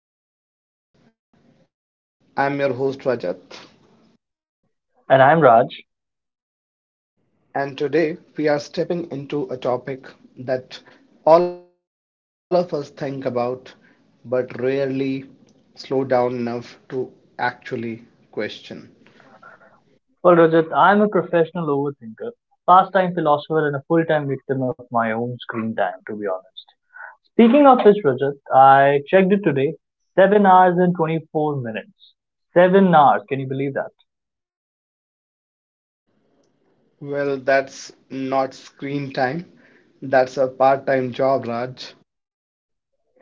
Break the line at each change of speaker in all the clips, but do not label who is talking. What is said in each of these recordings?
Compass Conversations. I'm your host, Rajat,
And I'm Raj.
and today we are stepping into a topic that all of us think about but rarely slow down enough to actually question.
Well, Rajat, I'm a professional overthinker, pastime philosopher, and a full time victim of my own screen time, to be honest. Speaking of which, Rajat, I checked it today, 7 hours and 24 minutes. 7 hours, can you believe that?
Well, that's not screen time, that's a part time job, Raj.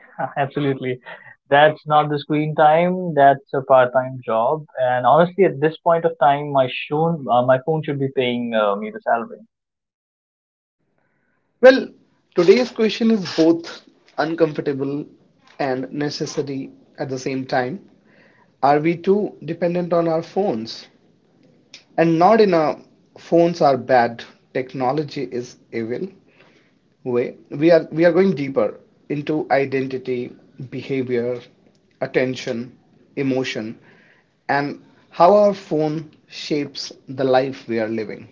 Absolutely. That's not the screen time, that's a part time job. And honestly, at this point of time, my phone should be paying me the salary.
Well, today's question is both uncomfortable and necessary at the same time. We too dependent on our phones? And not in a phones are bad, technology is evil way. We are going deeper into identity, behavior, attention, emotion, and how our phone shapes the life we are living.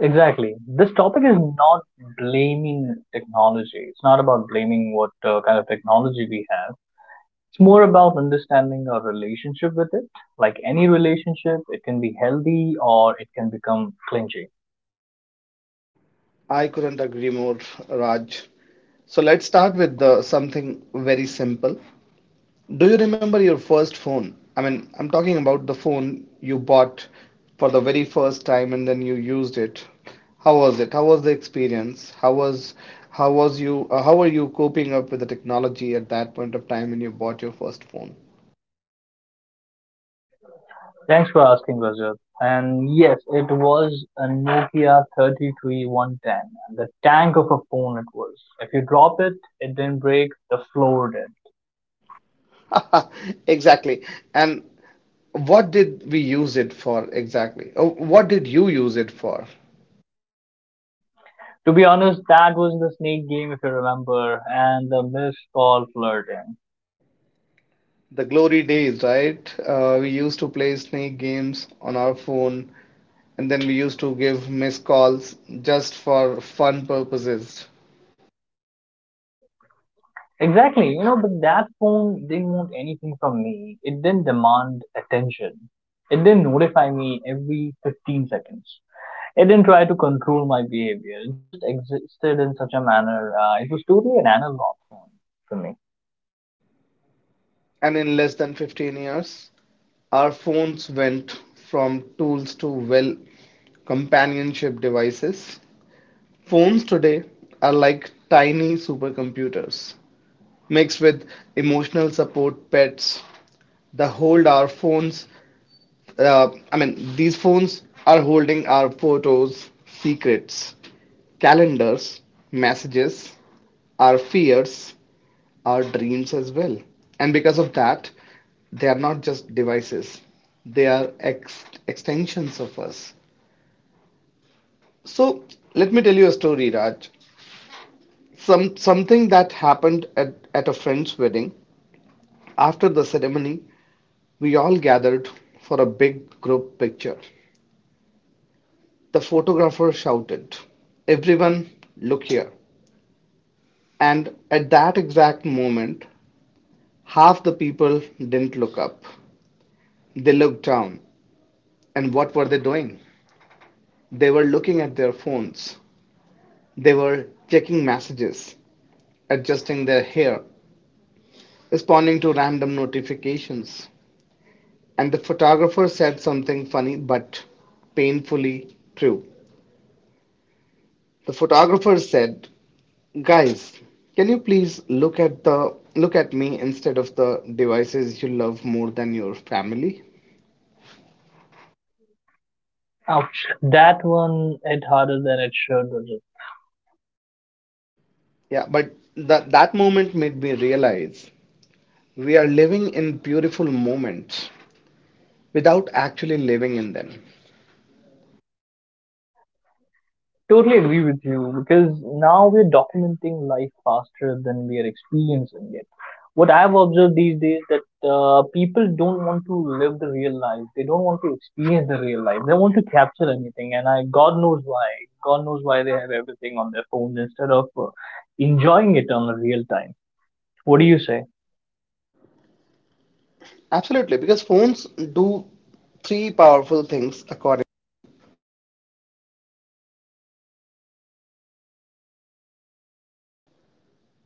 Exactly. This topic is not blaming technology. It's not about blaming what kind of technology we have. It's more about understanding our relationship with it. Like any relationship, it can be healthy or it can become clingy.
I couldn't agree more, Raj. So let's start with something very simple. Do you remember your first phone? I mean, I'm talking about the phone you bought for the very first time and then you used it. How was it? How was the experience? How was you how were you coping up with the technology at that point of time when you bought your first phone?
Thanks for asking, Rajat. And yes, it was a Nokia 3310. The tank of a phone it was. If you drop it, it didn't break, the floor did.
Exactly. And what did we use it for exactly? Oh, what did you use it for?
To be honest, that was the snake game if you remember, and the miss call flirting.
The glory days, right? We used to play snake games on our phone, and then we used to give missed calls just for fun purposes.
Exactly, you know, but that phone didn't want anything from me. It didn't demand attention. It didn't notify me every 15 seconds. It didn't try to control my behavior. It just existed in such a manner. It was totally an analog phone for me.
And in less than 15 years, our phones went from tools to, well, companionship devices. Phones today are like tiny supercomputers mixed with emotional support pets. The hold our phones these phones are holding our photos, secrets, calendars, messages, our fears, our dreams as well. And because of that, they are not just devices, they are extensions of us. So let me tell you a story, Raj. Something that happened at a friend's wedding. After the ceremony, we all gathered for a big group picture. The photographer shouted, "Everyone, look here!" And at that exact moment half the people didn't look up. They looked down. And what were they doing? They were looking at their phones. They were checking messages, adjusting their hair, responding to random notifications. And the photographer said something funny but painfully true. The photographer said, "Guys, can you please look at the look at me instead of the devices you love more than your family?"
Ouch. That one hit harder than it should.
Yeah, but that moment made me realize we are living in beautiful moments without actually living in them.
Totally agree with you because now we're documenting life faster than we are experiencing it. What I've observed these days that people don't want to live the real life. They don't want to experience the real life. They want to capture anything, and I God knows why. God knows why they have everything on their phones instead of enjoying it on the real time. What do you say?
Absolutely, because phones do three powerful things according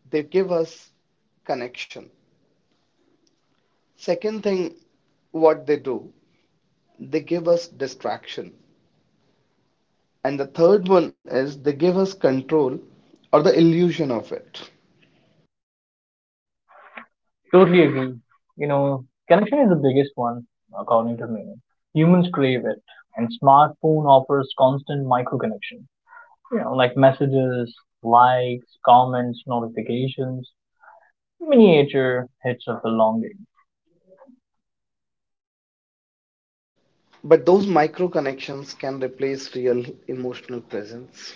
they give us connection. Second thing, what they do, they give us distraction. And the third one is they give us control, or the illusion of it.
Totally agree. You know, connection is the biggest one according to me. Humans crave it, and smartphone offers constant micro connection. You know, like messages, likes, comments, notifications, miniature hits of belonging.
But those micro connections can replace real emotional presence.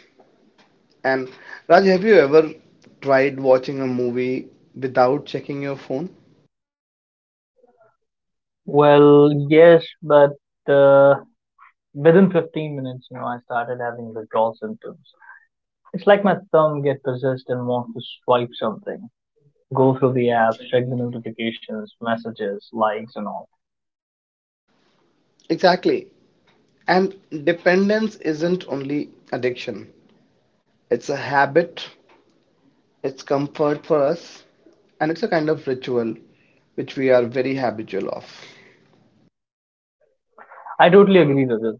And Raj, have you ever tried watching a movie without checking your phone?
Well, yes, but uh, within 15 minutes, you know, I started having withdrawal symptoms. It's like my thumb get possessed and wants to swipe something, go through the app, check the notifications, messages, likes, and all.
Exactly. And dependence isn't only addiction, it's a habit. It's comfort for us, and it's a kind of ritual which we are very habitual of.
I totally agree with this.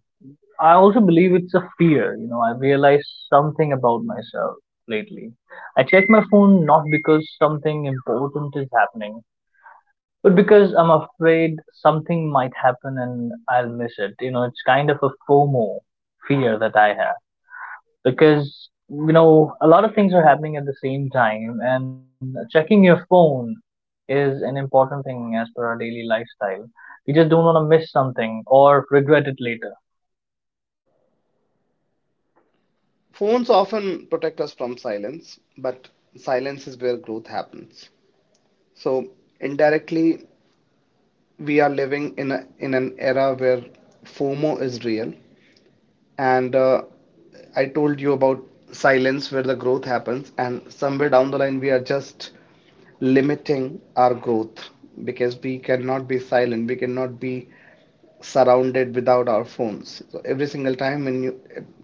I also believe it's a fear. You know, I realized something about myself lately. I check my phone not because something important is happening, but because I'm afraid something might happen and I'll miss it. You know, it's kind of a FOMO fear that I have because, you know, a lot of things are happening at the same time, and checking your phone is an important thing as per our daily lifestyle. We just don't want to miss something or regret it later.
Phones often protect us from silence, but silence is where growth happens. So indirectly, we are living in an era where FOMO is real, and I told you about silence where the growth happens, and somewhere down the line, we are just limiting our growth because we cannot be silent, we cannot be surrounded without our phones. So every single time when you,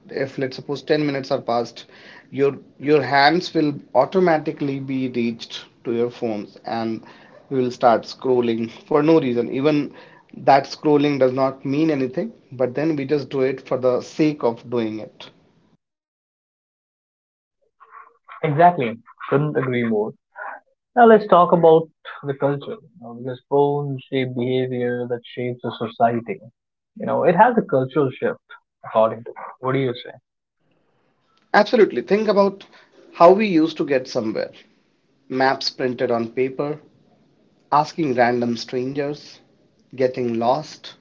if let's suppose 10 minutes are passed, your hands will automatically be reached to your phones and we will start scrolling for no reason. Even that scrolling does not mean anything, but then we just do it for the sake of doing it.
Exactly. Couldn't agree more. Now let's talk about the culture, you know, because phone shape behavior that shapes the society. You know, it has a cultural shift, according to me. What do you say?
Absolutely. Think about how we used to get somewhere. Maps printed on paper, asking random strangers, getting lost,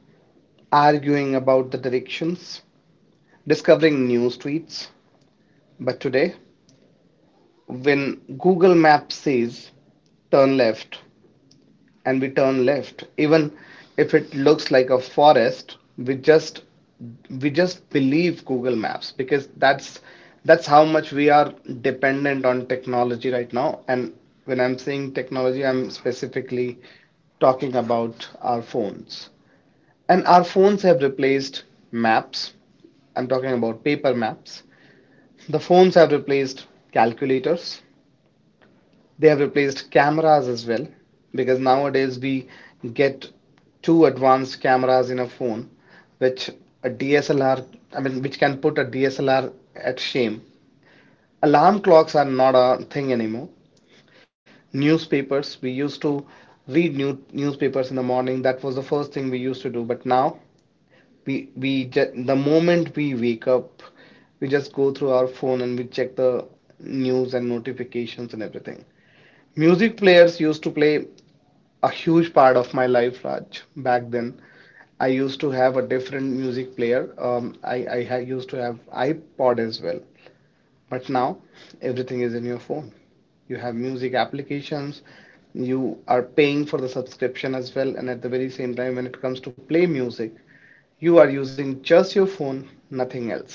arguing about the directions, discovering new streets. But today, when Google Maps says turn left and we turn left, even if it looks like a forest, we just believe Google Maps, because that's how much we are dependent on technology right now. And when I'm saying technology, I'm specifically talking about our phones. And our phones have replaced maps. I'm talking about paper maps. The phones have replaced calculators. They have replaced cameras as well, because nowadays we get two advanced cameras in a phone which a DSLR which can put a DSLR at shame. Alarm clocks are not a thing anymore. Newspapers, we used to read new newspapers in the morning. That was the first thing we used to do, but now we just the moment we wake up we just go through our phone and we check the news and notifications and everything. Music players used to play a huge part of my life, Raj. Back then, I used to have a different music player. I used to have iPod as well, but now everything is in your phone. You have music applications, you are paying for the subscription as well, and at the very same time when it comes to play music, you are using just your phone, nothing else.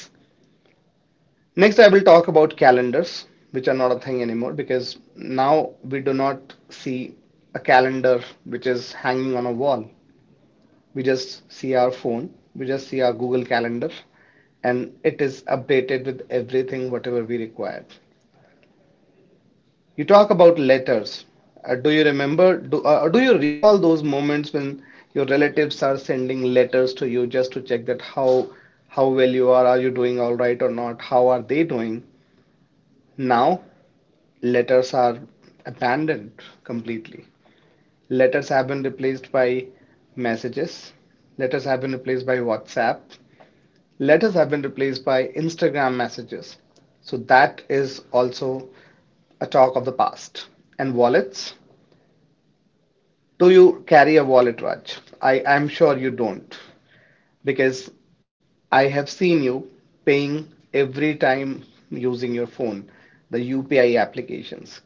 Next, I will talk about calendars, which are not a thing anymore, because now we do not see a calendar which is hanging on a wall. We just see our phone, we just see our Google Calendar, and it is updated with everything whatever we require. You talk about letters. Do you remember? Do you recall those moments when your relatives are sending letters to you just to check that how well you are? Are you doing all right or not? How are they doing? Now, letters are abandoned completely. Letters have been replaced by messages. Letters have been replaced by WhatsApp. Letters have been replaced by Instagram messages. So that is also a talk of the past. And wallets? Do you carry a wallet, Raj? I am sure you don't, because I have seen you paying every time using your phone, the UPI applications.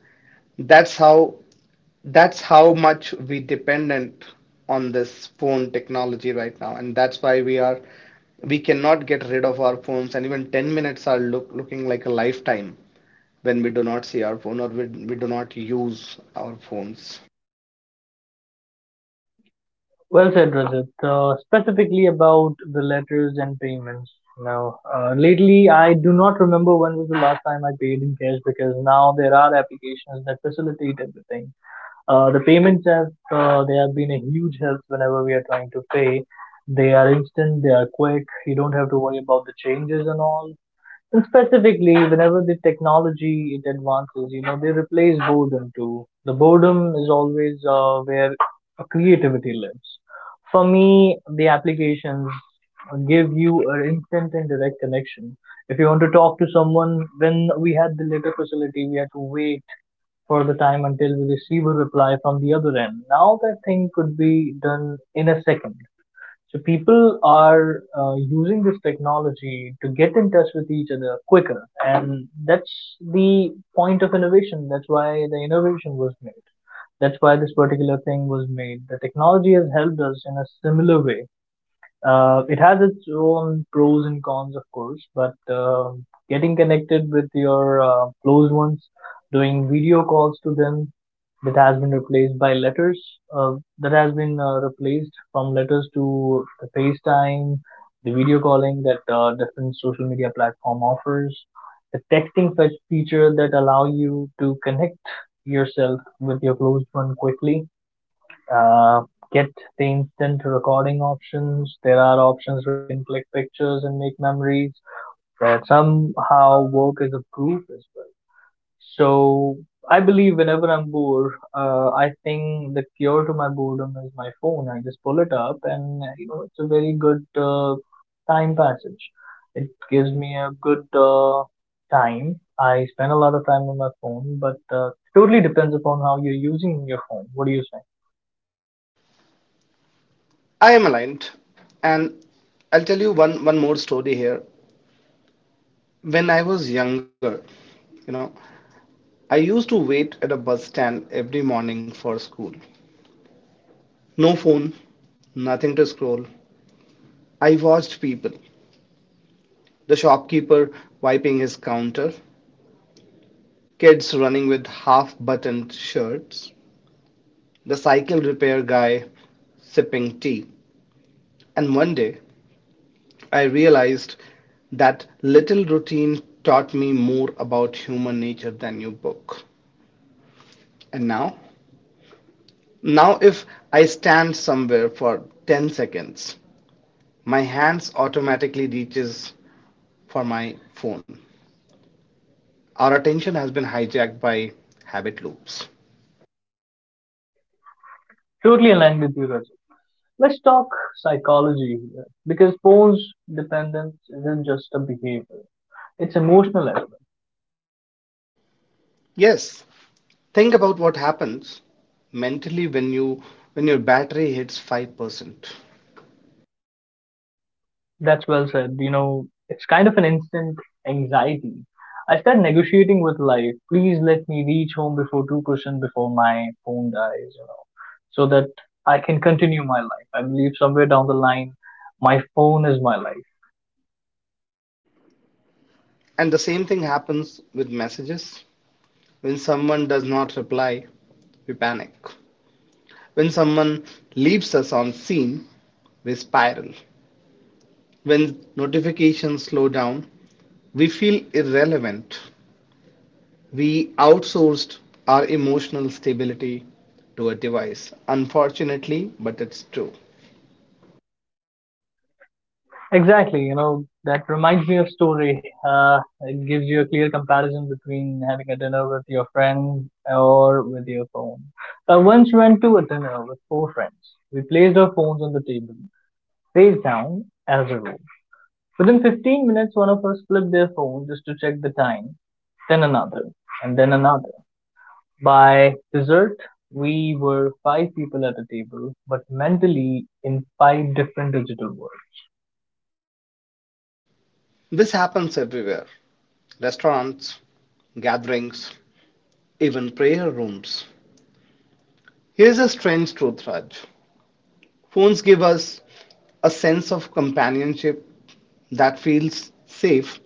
That's how that's how much we dependent on this phone technology right now, and that's why we cannot get rid of our phones, and even 10 minutes are looking like a lifetime when we do not see our phone, or we do not use our phones.
Well said, Rajat. Specifically about the letters and payments. Now, lately I do not remember when was the last time I paid in cash because now there are applications that facilitate everything. The payments have they have been a huge help whenever we are trying to pay. They are instant, they are quick. You don't have to worry about the changes and all. And specifically, whenever the technology it advances, you know, they replace boredom too. The boredom is always where creativity lives. For me, the applications give you an instant and direct connection. If you want to talk to someone, when we had the letter facility, we had to wait for the time until we receive a reply from the other end. Now that thing could be done in a second. So people are using this technology to get in touch with each other quicker, and that's the point of innovation. That's why the innovation was made. That's why this particular thing was made. The technology has helped us in a similar way. It has its own pros and cons, of course, but getting connected with your close ones, doing video calls to them, that has been replaced by letters uh, that has been replaced from letters to the facetime, the video calling that different social media platform offers, the texting feature that allow you to connect yourself with your close one quickly, uh, get the instant recording options, there are options where you can click pictures and make memories that somehow work as a proof as well. So I believe whenever I'm bored, I think the cure to my boredom is my phone. I just pull it up, and you know it's a very good time passage. It gives me a good time. I spend a lot of time on my phone, but totally depends upon how you're using your phone. What do you say?
I am aligned, and I'll tell you one more story here. When I was younger, you know, I used to wait at a bus stand every morning for school. No phone, nothing to scroll. I watched people, the shopkeeper wiping his counter, kids running with half-buttoned shirts, the cycle repair guy sipping tea. And one day, I realized that little routine taught me more about human nature than your book. And now, now if I stand somewhere for 10 seconds, my hands automatically reaches for my phone. Our attention has been hijacked by habit loops.
Totally aligned with you, Rajat. Let's talk psychology here, because phones dependence isn't just a behavior; it's emotional.
Yes, think about what happens mentally when you when your battery hits 5%.
That's well said. You know, it's kind of an instant anxiety. I start negotiating with life. Please let me reach home before 2%, before my phone dies, you know, so that I can continue my life. I believe somewhere down the line, my phone is my life.
And the same thing happens with messages. When someone does not reply, we panic. When someone leaves us on scene, we spiral. When notifications slow down, we feel irrelevant. We outsourced our emotional stability to a device. Unfortunately, but it's true.
Exactly. You know, that reminds me of story. It gives you a clear comparison between having a dinner with your friend or with your phone. I once went to a dinner with four friends. We placed our phones on the table. Face down, as a rule. Within 15 minutes, one of us flipped their phone just to check the time, then another, and then another. By dessert, we were five people at a table, but mentally in five different digital worlds.
This happens everywhere: restaurants, gatherings, even prayer rooms. Here's a strange truth, Raj. Phones give us a sense of companionship that feels safe,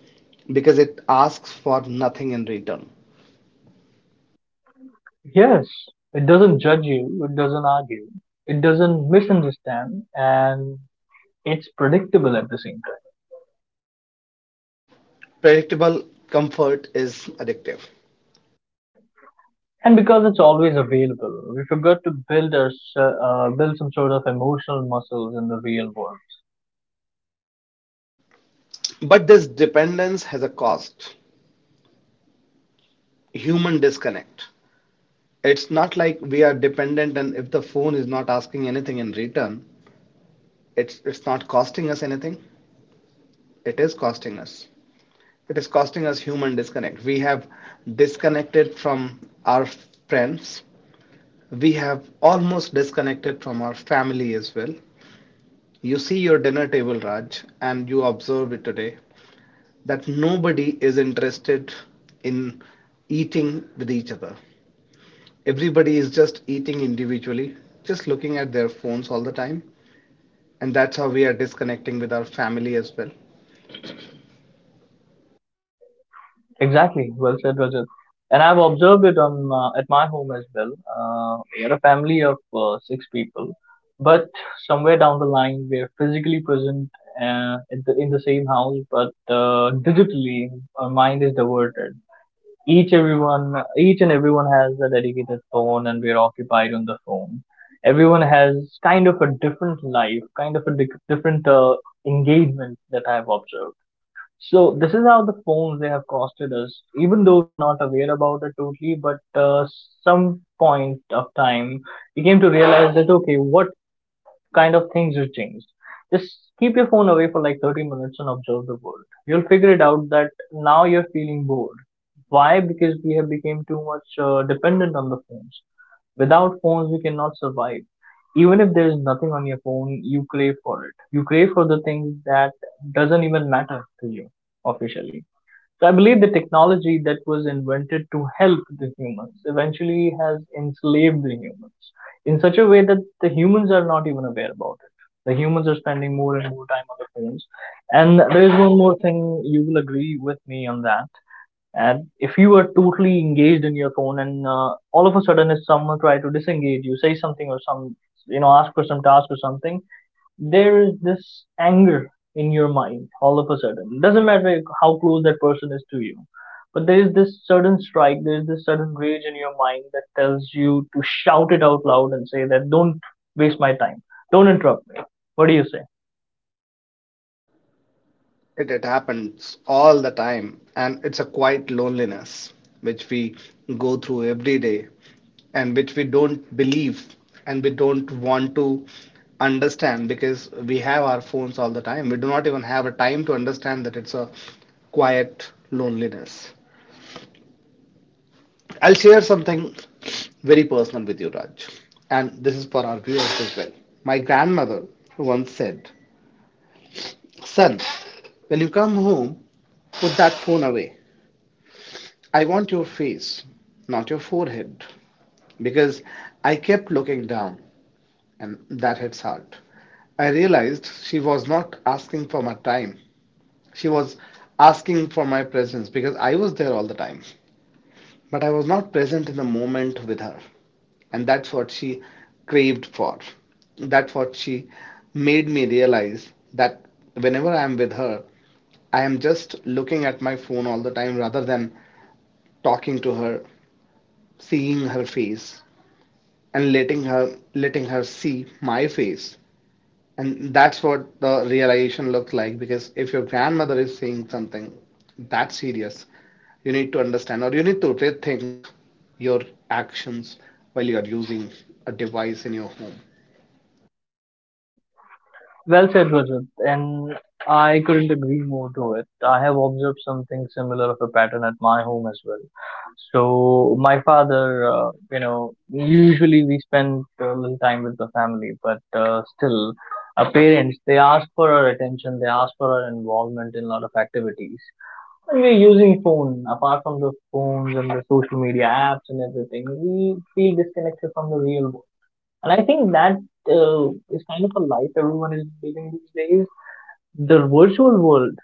because it asks for nothing in return.
Yes, it doesn't judge you, it doesn't argue, it doesn't misunderstand, and it's predictable at the same time.
Predictable comfort is addictive.
And because it's always available, we forgot to build our, build some sort of emotional muscles in the real world.
But this dependence has a cost: human disconnect. It's not like we are dependent, and if the phone is not asking anything in return, it's not costing us anything. It is costing us. It is costing us human disconnect. We have disconnected from our friends, we have almost disconnected from our family as well. You see your dinner table, Raj, and you observe it today that nobody is interested in eating with each other. Everybody is just eating individually, just looking at their phones all the time. And that's how we are disconnecting with our family as well.
Exactly, well said, Rajat. And I've observed it on at my home as well. We are a family of six people, but somewhere down the line, we're physically present in the same house, but digitally, our mind is diverted. Each and everyone has a dedicated phone, and we're occupied on the phone. Everyone has kind of a different life, kind of a different engagement that I've observed. So this is how the phones they have costed us, even though we are not aware about it totally. But some point of time, we came to realize that okay, what kind of things have changed. Just keep your phone away for like 30 minutes and observe the world. You'll figure it out that now you're feeling bored. Why? Because we have become too much dependent on the phones. Without phones, we cannot survive. Even if there is nothing on your phone, you crave for it. You crave for the things that doesn't even matter to you officially. So I believe the technology that was invented to help the humans eventually has enslaved the humans in such a way that the humans are not even aware about it. The humans are spending more and more time on the phones. And there is one more thing you will agree with me on that, and if you are totally engaged in your phone, and all of a sudden, if someone try to disengage you, say something or some, you know, ask for some task or something, there is this anger in your mind all of a sudden. Doesn't matter how close that person is to you, but there is this sudden strike, there is this sudden rage in your mind that tells you to shout it out loud and say that don't waste my time, don't interrupt me. What do you say?
It happens all the time. And it's a quiet loneliness which we go through every day and which we don't believe and we don't want to understand, because we have our phones all the time. We do not even have a time to understand that it's a quiet loneliness. I'll share something very personal with you, Raj, and this is for our viewers as well. My grandmother once said, "Son, when you come home, put that phone away. I want your face, not your forehead." Because I kept looking down, and that hits hard. I realized she was not asking for my time, she was asking for my presence, because I was there all the time. But I was not present in the moment with her. And that's what she craved for. That's what she made me realize, that whenever I'm with her, I am just looking at my phone all the time rather than talking to her, seeing her face, and letting her see my face. And that's what the realization looks like, because if your grandmother is saying something that serious, you need to understand, or you need to rethink your actions while you are using a device in your home.
Well said, Rajat, and I couldn't agree more to it. I have observed something similar of a pattern at my home as well. So my father, you know, usually we spend a little time with the family, but still, our parents they ask for our attention, they ask for our involvement in a lot of activities. When we're using phone, apart from the phones and the social media apps and everything, we feel disconnected from the real world. And I think that is kind of a life everyone is living these days. The virtual world,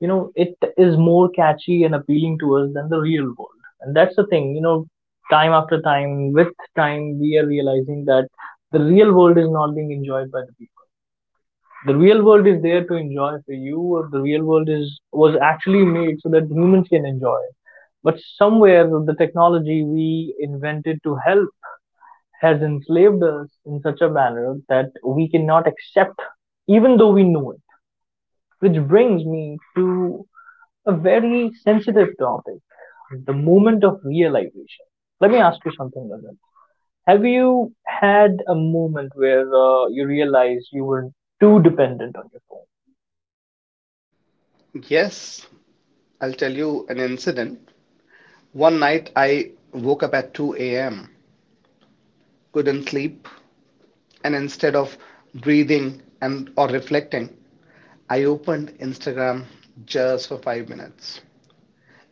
you know, it is more catchy and appealing to us than the real world. And that's the thing, you know, time after time, with time, we are realizing that the real world is not being enjoyed by the people. The real world is there to enjoy for you, or the real world is was actually made so that humans can enjoy it. But somewhere the technology we invented to help has enslaved us in such a manner that we cannot accept, even though we know it. Which brings me to a very sensitive topic, the moment of realization. Let me ask you something, Rajat. Have you had a moment where you realized you were too dependent on your phone?
Yes, I'll tell you an incident. One night I woke up at 2 a.m., couldn't sleep, and instead of breathing and or reflecting, I opened Instagram just for 5 minutes.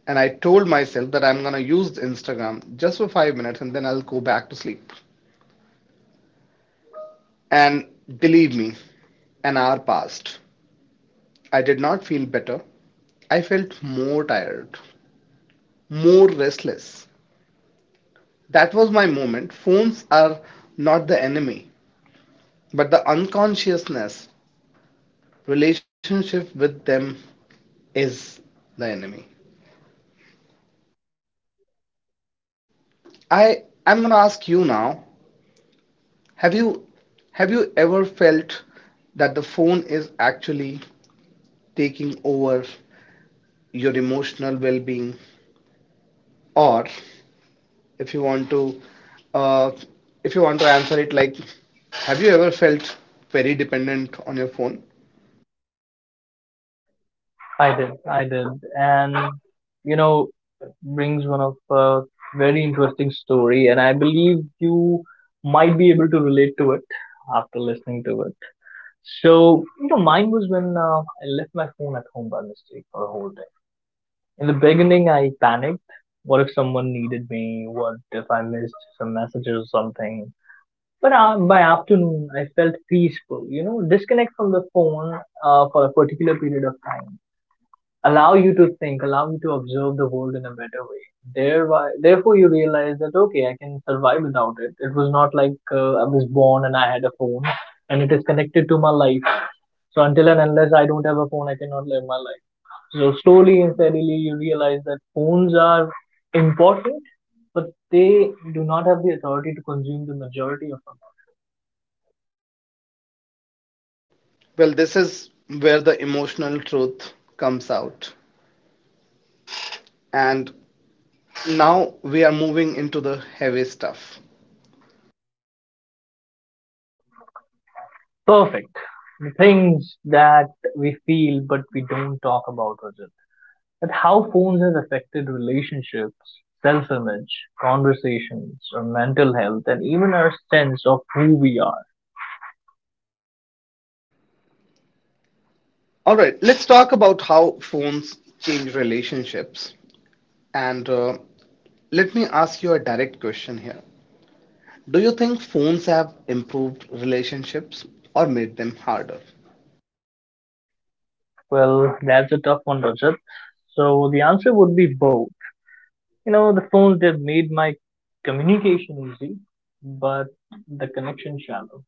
And I told myself that I'm gonna use Instagram just for 5 minutes and then I'll go back to sleep. And believe me, an hour passed. I did not feel better. I felt more tired, more restless. That was my moment. Phones are not the enemy, but the unconsciousness relationship with them is the enemy. I'm gonna ask you now. Have you have you ever felt that the phone is actually taking over your emotional well-being, or if you want to uh, if you want to answer it like, have you ever felt very dependent on your phone?
I did, I did. And, you know, brings one of a very interesting story, and I believe you might be able to relate to it after listening to it. So, mine was when I left my phone at home by mistake for a whole day. In the beginning, I panicked. What if someone needed me? What if I missed some messages or something? But by afternoon, I felt peaceful. You know, disconnect from the phone for a particular period of time. Allow you to think, allow you to observe the world in a better way. Thereby, therefore, you realize that, okay, I can survive without it. It was not like I was born and I had a phone and it is connected to my life, so until and unless I don't have a phone, I cannot live my life. So slowly and steadily, you realize that phones are important, but they do not have the authority to consume the majority of
Well, this is where the emotional truth comes out. And now we are moving into the heavy stuff.
our life. Perfect. The things that we feel but we don't talk about, Rajat. That how phones have affected relationships, self-image, conversations, our mental health, and even our sense of who we are.
All right, let's talk about how phones change relationships. And let me ask you a direct question here. Do you think phones have improved relationships or made them harder?
Well, that's a tough one, Rajat. So the answer would be both. You know, the phones, they've made my communication easy, but the connection shallow.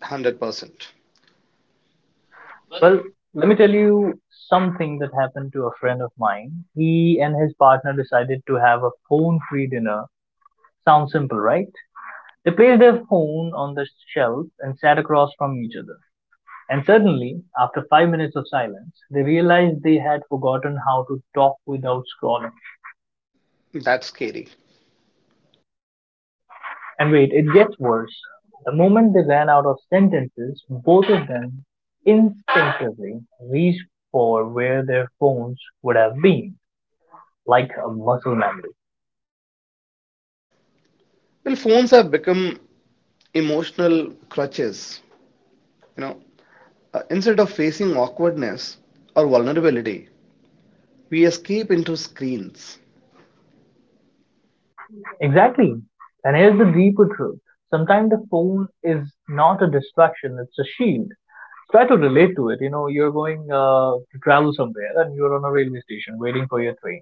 100%.
Well, let me tell you something that happened to a friend of mine. He and his partner decided to have a phone free dinner. Sounds simple, right? They placed their phone on the shelf and sat across from each other. And suddenly, after 5 minutes of silence, they realized they had forgotten how to talk without scrolling.
That's scary.
And wait, it gets worse. The moment they ran out of sentences, both of them instinctively reached for where their phones would have been, like a muscle memory.
Well, phones have become emotional crutches. You know, instead of facing awkwardness or vulnerability, we escape into screens.
Exactly. And here's the deeper truth. Sometimes the phone is not a distraction, it's a shield. Try to relate to it. You know, you're going to travel somewhere and you're on a railway station waiting for your train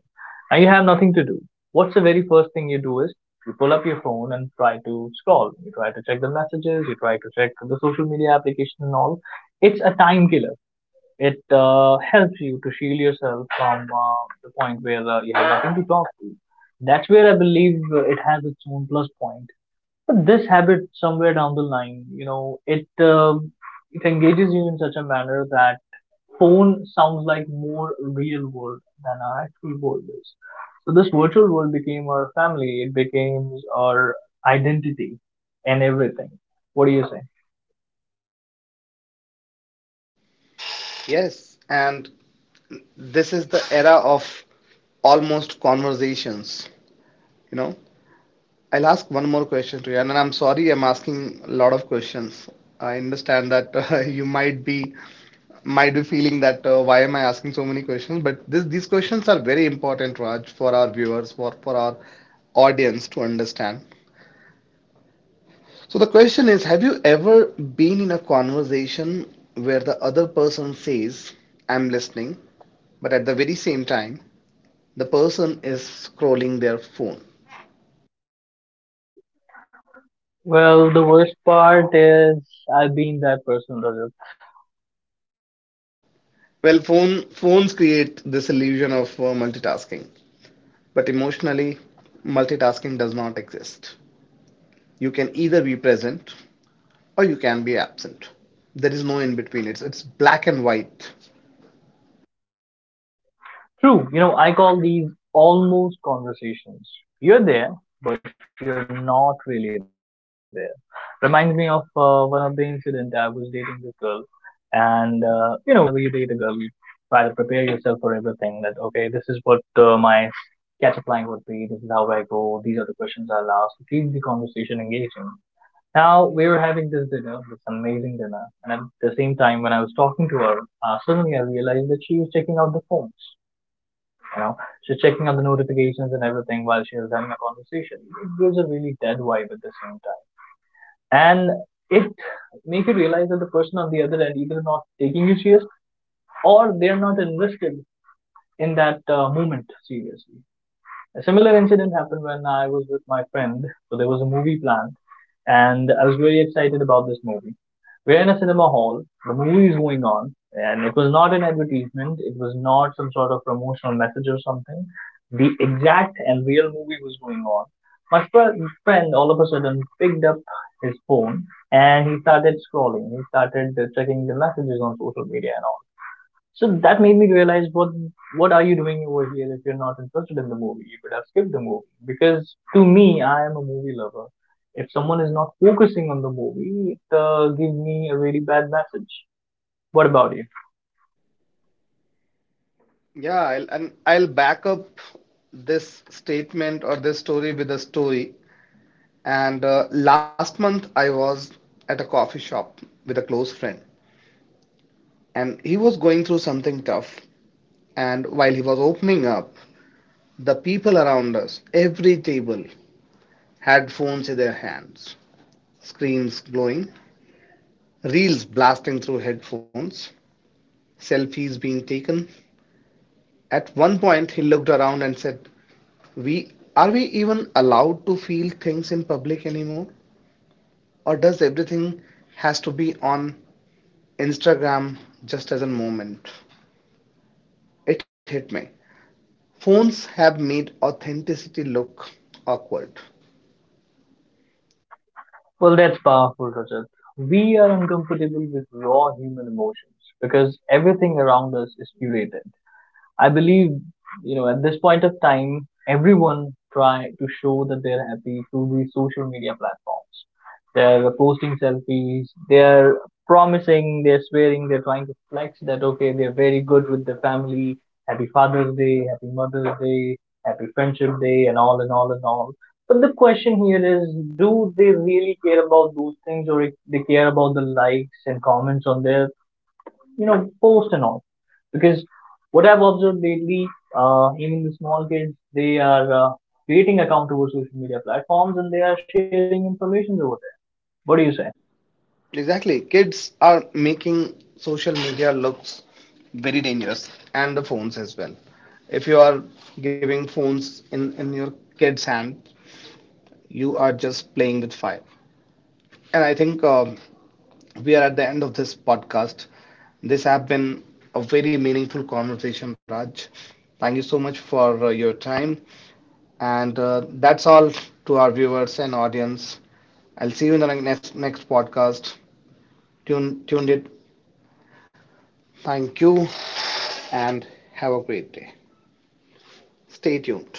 and you have nothing to do. What's the very first thing you do is you pull up your phone and try to scroll. You try to check the messages, you try to check the social media application and all. It's a time killer. It helps you to shield yourself from the point where you have nothing to talk to. That's where I believe it has its own plus point. But this habit, somewhere down the line, it engages you in such a manner that phone sounds like more real world than our actual world is. So this virtual world became our family. It became our identity and everything. What do you say?
Yes, and this is the era of almost conversations. You know, I'll ask one more question to you, and I'm sorry I'm asking a lot of questions. I understand that you might be feeling that why am I asking so many questions? But these questions are very important, Raj, for our viewers, for our audience to understand. So the question is, have you ever been in a conversation where the other person says, I'm listening, but at the very same time, the person is scrolling their phone?
Well, the worst part is I've been that person.
Well, phones create this illusion of multitasking, but emotionally, multitasking does not exist. You can either be present or you can be absent. There is no in between. It's black and white.
True, you know, I call these almost conversations. You're there, but you're not really there. Reminds me of one of the incident. I was dating this girl, and whenever you date a girl, you try to prepare yourself for everything. That okay, this is what my catch-up line would be. This is how I go. These are the questions I'll ask to keep the conversation engaging. Now we were having this dinner, this amazing dinner, and at the same time, when I was talking to her, suddenly I realized that she was checking out the phones, you know, she's checking out the notifications and everything while she was having a conversation. It gives a really dead vibe at the same time. And it makes you realize that the person on the other end either not taking you serious or they're not invested in that moment seriously. A similar incident happened when I was with my friend. So there was a movie planned and I was very excited about this movie. We're in a cinema hall, the movie is going on, and it was not an advertisement, it was not some sort of promotional message or something. The exact and real movie was going on. My fr- friend all of a sudden picked up his phone and he started scrolling. He started checking the messages on social media and all. So that made me realize, what are you doing over here if you're not interested in the movie? You could have skipped the movie. Because to me, I am a movie lover. If someone is not focusing on the movie, it gives me a really bad message. What about you?
Yeah, I'll back up this statement or this story with a story. And last month, I was at a coffee shop with a close friend, and he was going through something tough. And while he was opening up, the people around us, every table, had phones in their hands, screens glowing, reels blasting through headphones, selfies being taken. At one point, he looked around and said, We even allowed to feel things in public anymore? Or does everything has to be on Instagram just as a moment?" It hit me. Phones have made authenticity look awkward.
Well, that's powerful, Rajat. We are uncomfortable with raw human emotions because everything around us is curated. I believe, you know, at this point of time, everyone try to show that they're happy through these social media platforms. They're posting selfies, they're promising, they're swearing, they're trying to flex that, okay, they're very good with the family. Happy Father's Day, Happy Mother's Day, Happy Friendship Day, and all and all and all. But the question here is, do they really care about those things or if they care about the likes and comments on their, you know, post and all. Because what I've observed lately, even the small kids, they are creating accounts over social media platforms and they are sharing information over there. What do you say?
Exactly. Kids are making social media looks very dangerous, and the phones as well. If you are giving phones in, your kid's hand, you are just playing with fire. And I think we are at the end of this podcast. This have been a very meaningful conversation, Raj. Thank you so much for your time. And that's all to our viewers and audience. I'll see you in the next podcast. Tuned it. Thank you, and have a great day. Stay tuned.